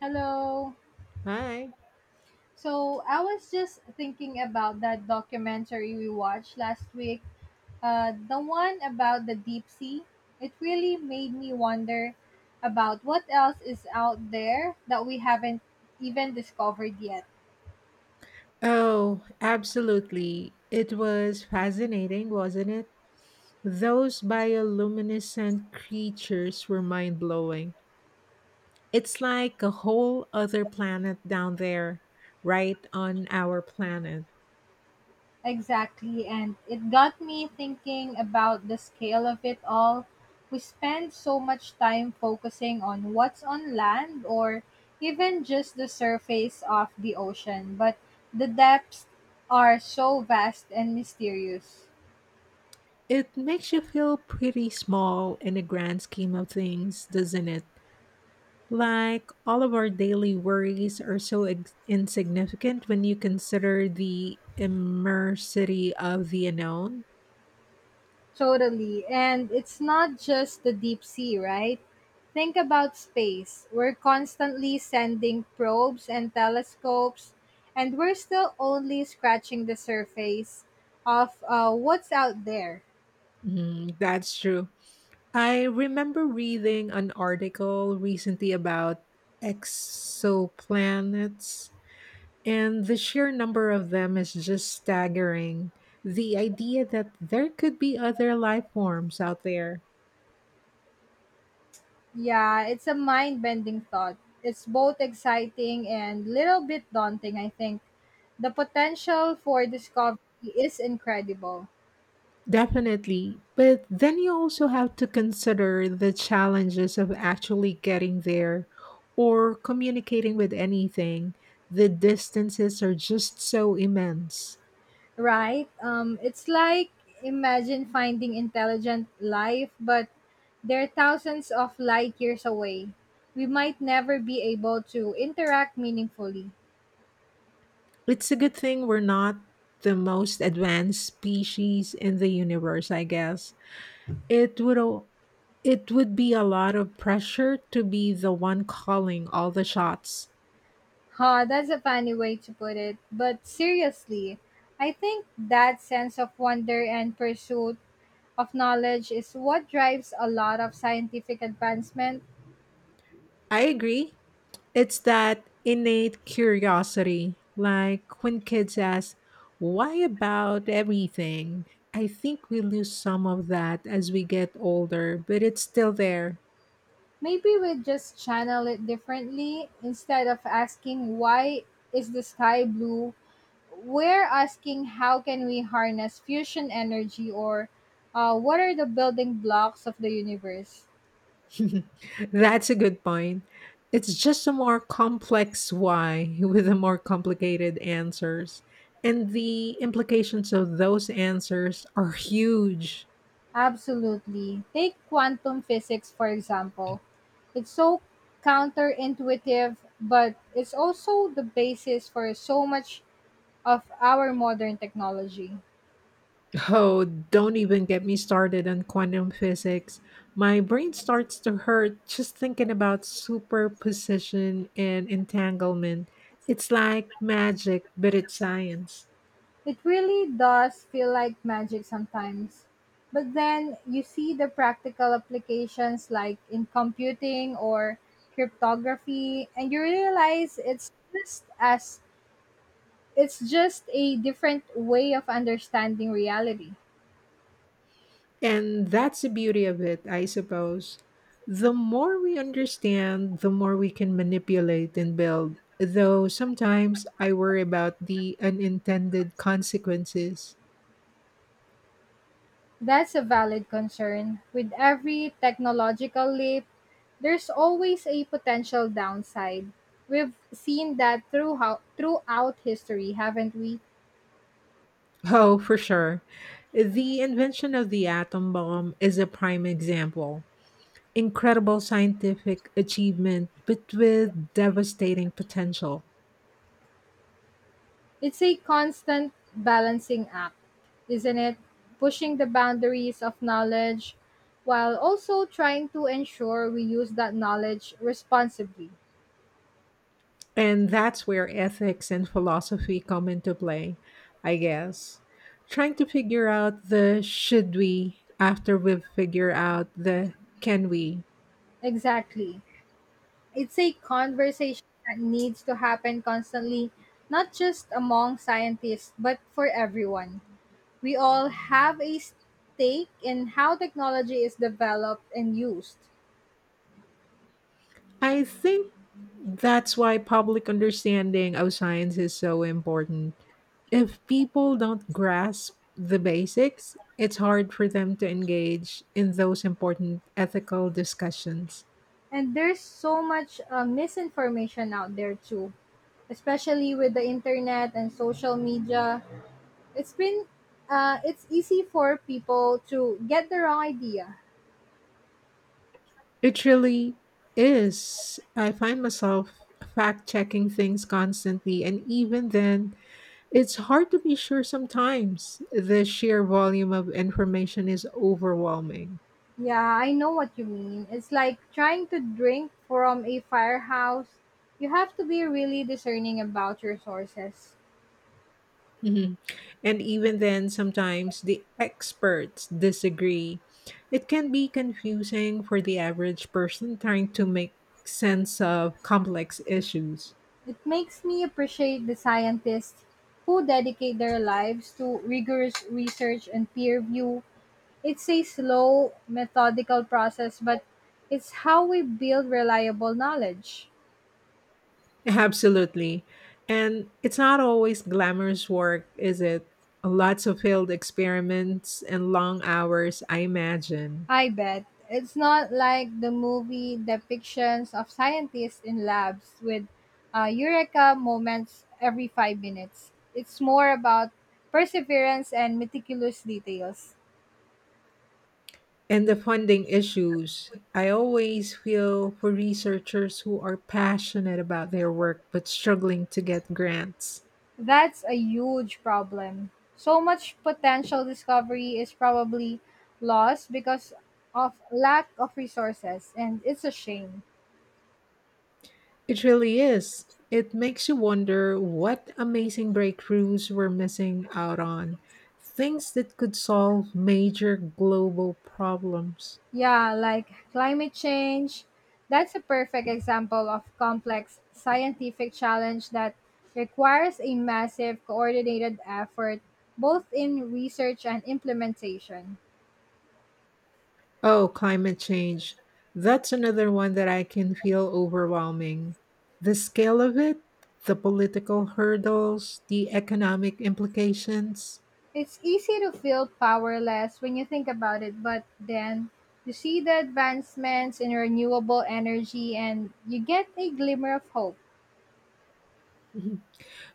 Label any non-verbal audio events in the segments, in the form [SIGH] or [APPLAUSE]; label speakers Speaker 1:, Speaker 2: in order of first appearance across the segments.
Speaker 1: Hello.
Speaker 2: Hi.
Speaker 1: So I was just thinking about that documentary we watched last week, the one about the deep sea. It really made me wonder about what else is out there that we haven't even discovered yet.
Speaker 2: Oh, absolutely. It was fascinating, wasn't it? Those bioluminescent creatures were mind blowing. It's like a whole other planet down there, right on our planet.
Speaker 1: Exactly, and it got me thinking about the scale of it all. We spend so much time focusing on what's on land or even just the surface of the ocean, but the depths are so vast and mysterious.
Speaker 2: It makes you feel pretty small in the grand scheme of things, doesn't it? Like, all of our daily worries are so insignificant when you consider the immersity of the unknown.
Speaker 1: Totally. And it's not just the deep sea, right? Think about space. We're constantly sending probes and telescopes, and we're still only scratching the surface of what's out there.
Speaker 2: That's true. I remember reading an article recently about exoplanets. And the sheer number of them is just staggering. The idea that there could be other life forms out there.
Speaker 1: Yeah, it's a mind bending thought. It's both exciting and little bit daunting, I think. The potential for discovery is incredible.
Speaker 2: Definitely. But then you also have to consider the challenges of actually getting there or communicating with anything. The distances are just so immense.
Speaker 1: Right? It's like imagine finding intelligent life, but they're thousands of light years away. We might never be able to interact meaningfully.
Speaker 2: It's a good thing we're not the most advanced species in the universe, I guess. It would o- it would be a lot of pressure to be the one calling all the shots.
Speaker 1: Ha, that's a funny way to put it. But seriously, I think that sense of wonder and pursuit of knowledge is what drives a lot of scientific advancement.
Speaker 2: I agree. It's that innate curiosity, like when kids ask, "Why about everything?" I think we lose some of that as we get older, but it's still there.
Speaker 1: Maybe we just channel it differently instead of asking why is the sky blue we're asking how can we harness fusion energy or what are the building blocks of the universe?
Speaker 2: [LAUGHS] That's a good point. It's just a more complex why [LAUGHS] with a more complicated answers. And the implications of those answers are huge.
Speaker 1: Absolutely. Take quantum physics, for example. It's so counterintuitive, but it's also the basis for so much of our modern technology.
Speaker 2: Oh, don't even get me started on quantum physics. My brain starts to hurt just thinking about superposition and entanglement. It's like magic, but it's science.
Speaker 1: It really does feel like magic sometimes. But then you see the practical applications like in computing or cryptography and you realize it's just a different way of understanding reality.
Speaker 2: And that's the beauty of it, I suppose. The more we understand, the more we can manipulate and build. Though sometimes I worry about the unintended consequences.
Speaker 1: That's a valid concern. With every technological leap, there's always a potential downside. We've seen that throughout history, haven't we?
Speaker 2: Oh, for sure. The invention of the atom bomb is a prime example. Incredible scientific achievement, but with devastating potential.
Speaker 1: It's a constant balancing act, isn't it? Pushing the boundaries of knowledge while also trying to ensure we use that knowledge responsibly.
Speaker 2: And that's where ethics and philosophy come into play, I guess. Trying to figure out the should we after we figure out the can we.
Speaker 1: Exactly. It's a conversation that needs to happen constantly, not just among scientists, but for everyone. We all have a stake in how technology is developed and used.
Speaker 2: I think that's why public understanding of science is so important. If people don't grasp the basics, it's hard for them to engage in those important ethical discussions.
Speaker 1: And there's so much misinformation out there too, especially with the internet and social media. It's been it's easy for people to get the wrong idea.
Speaker 2: It really is. I find myself fact checking things constantly, and even then, it's hard to be sure sometimes. The sheer volume of information is overwhelming.
Speaker 1: Yeah, I know what you mean. It's like trying to drink from a firehouse. You have to be really discerning about your sources.
Speaker 2: Mhm. And even then, sometimes the experts disagree. It can be confusing for the average person trying to make sense of complex issues.
Speaker 1: It makes me appreciate the scientists who dedicate their lives to rigorous research and peer review. It's a slow, methodical process, but it's how we build reliable knowledge.
Speaker 2: Absolutely. And it's not always glamorous work, is it? Lots of failed experiments and long hours, I imagine.
Speaker 1: I bet. It's not like the movie depictions of scientists in labs with eureka moments every 5 minutes. It's more about perseverance and meticulous details.
Speaker 2: And the funding issues. I always feel for researchers who are passionate about their work but struggling to get grants.
Speaker 1: That's a huge problem. So much potential discovery is probably lost because of lack of resources, and it's a shame.
Speaker 2: It really is. It makes you wonder what amazing breakthroughs we're missing out on, things that could solve major global problems.
Speaker 1: Yeah, like climate change. That's a perfect example of complex scientific challenge that requires a massive coordinated effort both in research and implementation.
Speaker 2: Oh, climate change. That's another one that I can feel overwhelming. The scale of it, the political hurdles, the economic implications.
Speaker 1: It's easy to feel powerless when you think about it, but then you see the advancements in renewable energy and you get a glimmer of hope.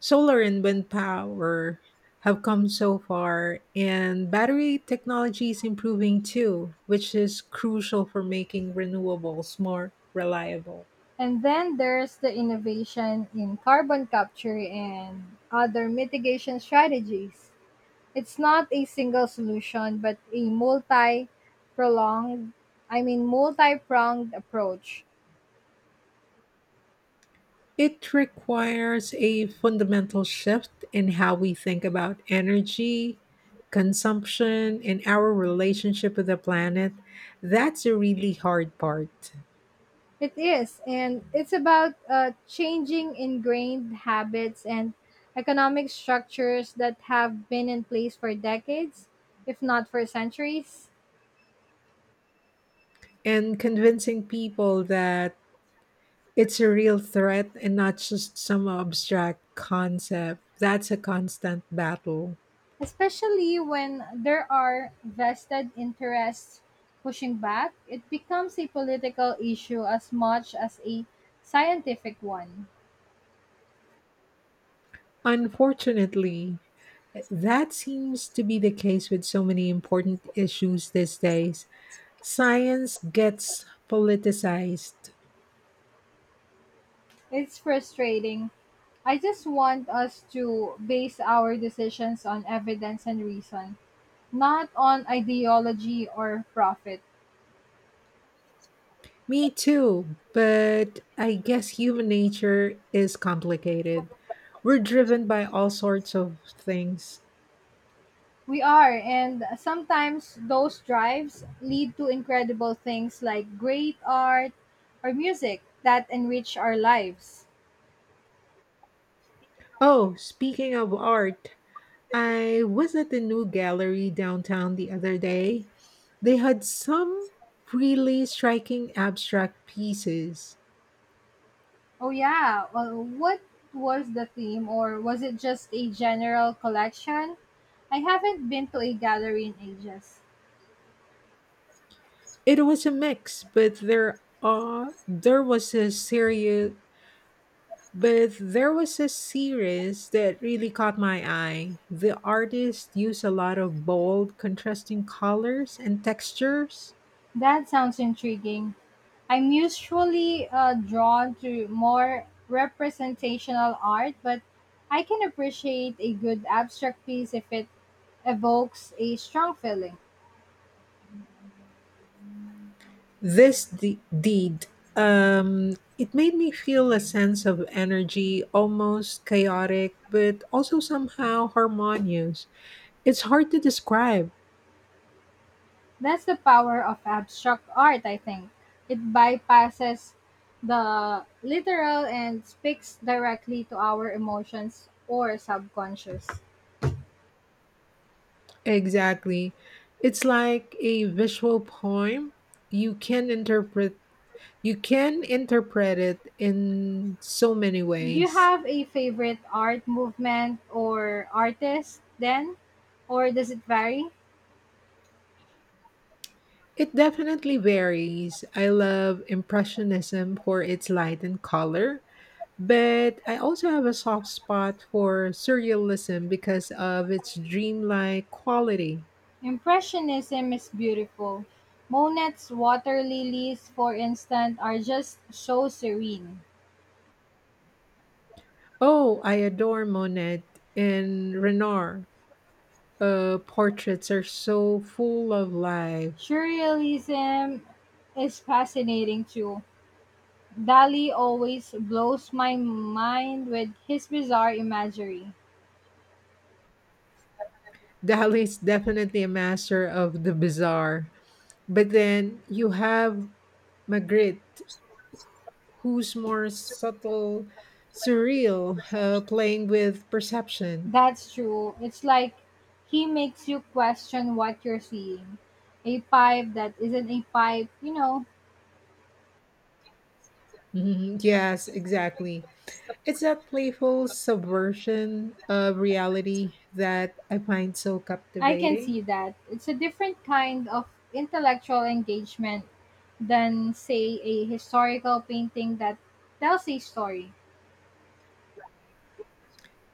Speaker 2: Solar and wind power have come so far, and battery technology is improving too, which is crucial for making renewables more reliable.
Speaker 1: And then there's the innovation in carbon capture and other mitigation strategies. It's not a single solution, but a multi prolonged I mean multi-pronged approach.
Speaker 2: It requires a fundamental shift in how we think about energy, consumption, and our relationship with the planet. That's a really hard part.
Speaker 1: It is, and it's about changing ingrained habits and economic structures that have been in place for decades, if not for centuries,
Speaker 2: And convincing people that it's a real threat and not just some abstract concept, that's a constant battle.
Speaker 1: especially when there are vested interests pushing back, it becomes a political issue as much as a scientific one.
Speaker 2: Unfortunately, that seems to be the case with so many important issues these days. Science gets politicized.
Speaker 1: It's frustrating. I just want us to base our decisions on evidence and reason, not on ideology or profit.
Speaker 2: Me too, but I guess human nature is complicated. We're driven by all sorts of things.
Speaker 1: We are, and sometimes those drives lead to incredible things like great art or music that enrich our lives.
Speaker 2: Oh, speaking of art, I was at the new gallery downtown the other day. They had some really striking abstract pieces.
Speaker 1: Oh, yeah. Well, what was the theme, or was it just a general collection? I haven't been to a gallery in ages.
Speaker 2: It was a mix, but there are there was a serious But there was a series that really caught my eye. The artist used a lot of bold, contrasting colors and textures.
Speaker 1: That sounds intriguing. I'm usually drawn to more representational art, but I can appreciate a good abstract piece if it evokes a strong feeling.
Speaker 2: This de- deed, it made me feel a sense of energy, almost chaotic, but also somehow harmonious. It's hard to describe
Speaker 1: That's the power of abstract art, I think. It bypasses the literal and speaks directly to our emotions or subconscious.
Speaker 2: exactly. It's like a visual poem. You can interpret you can interpret it in so many
Speaker 1: Do you
Speaker 2: ways.
Speaker 1: have a favorite art movement or artist then? Or does it vary?
Speaker 2: It definitely varies. I love Impressionism for its light and color, but I also have a soft spot for Surrealism because of its dreamlike quality.
Speaker 1: Impressionism is beautiful. Monet's water lilies, for instance, are just so serene.
Speaker 2: Oh, I adore Monet and Renoir. Portraits are so full of life.
Speaker 1: Surrealism is fascinating too. Dali always blows my mind with his bizarre imagery.
Speaker 2: [LAUGHS] Dali's definitely a master of the bizarre. But then you have Magritte, who's more subtle, surreal, playing with perception.
Speaker 1: That's true. It's like he makes you question what you're seeing. A pipe that isn't a pipe, you know.
Speaker 2: Mhm. Yes, exactly. It's that playful subversion of reality that I find so
Speaker 1: I can
Speaker 2: captivating.
Speaker 1: see that. It's a different kind of intellectual engagement than, say, a historical painting that tells a story.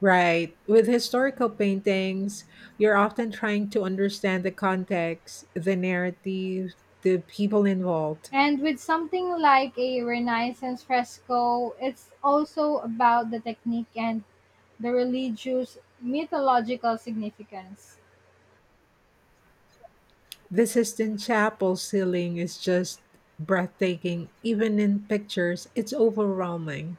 Speaker 2: Right. With historical paintings, you're often trying to understand the context, the narrative, the people involved.
Speaker 1: And with something like a Renaissance fresco, it's also about the technique and the religious mythological significance.
Speaker 2: The Sistine Chapel ceiling is just breathtaking. Even in pictures, it's overwhelming.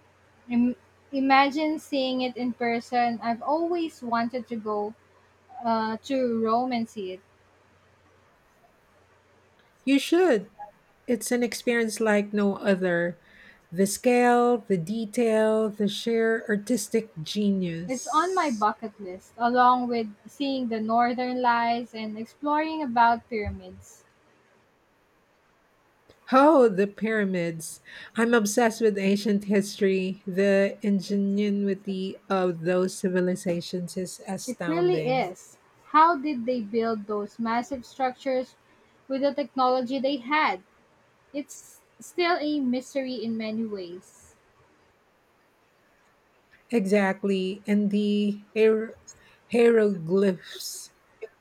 Speaker 1: Im- Imagine seeing it in person. I've always wanted to go to Rome and see it.
Speaker 2: You should. It's an experience like no other. The scale, the detail, the sheer artistic
Speaker 1: It's on my
Speaker 2: genius.
Speaker 1: bucket list, along with seeing the northern lights and exploring about pyramids.
Speaker 2: Oh, the pyramids. I'm obsessed with ancient history. The ingenuity of those civilizations is
Speaker 1: It really
Speaker 2: astounding.
Speaker 1: is. How did they build those massive structures with the technology they had? It's still a mystery in many ways.
Speaker 2: Exactly. And the hieroglyphs,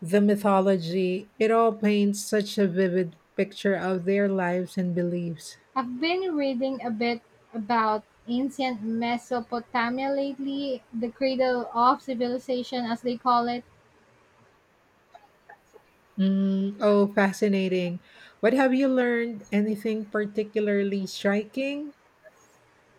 Speaker 2: the mythology, it all paints such a vivid picture of their lives and beliefs.
Speaker 1: I've been reading a bit about ancient Mesopotamia lately, the cradle of civilization as they call it.
Speaker 2: Mm, oh, fascinating. What have you learned? Anything particularly striking,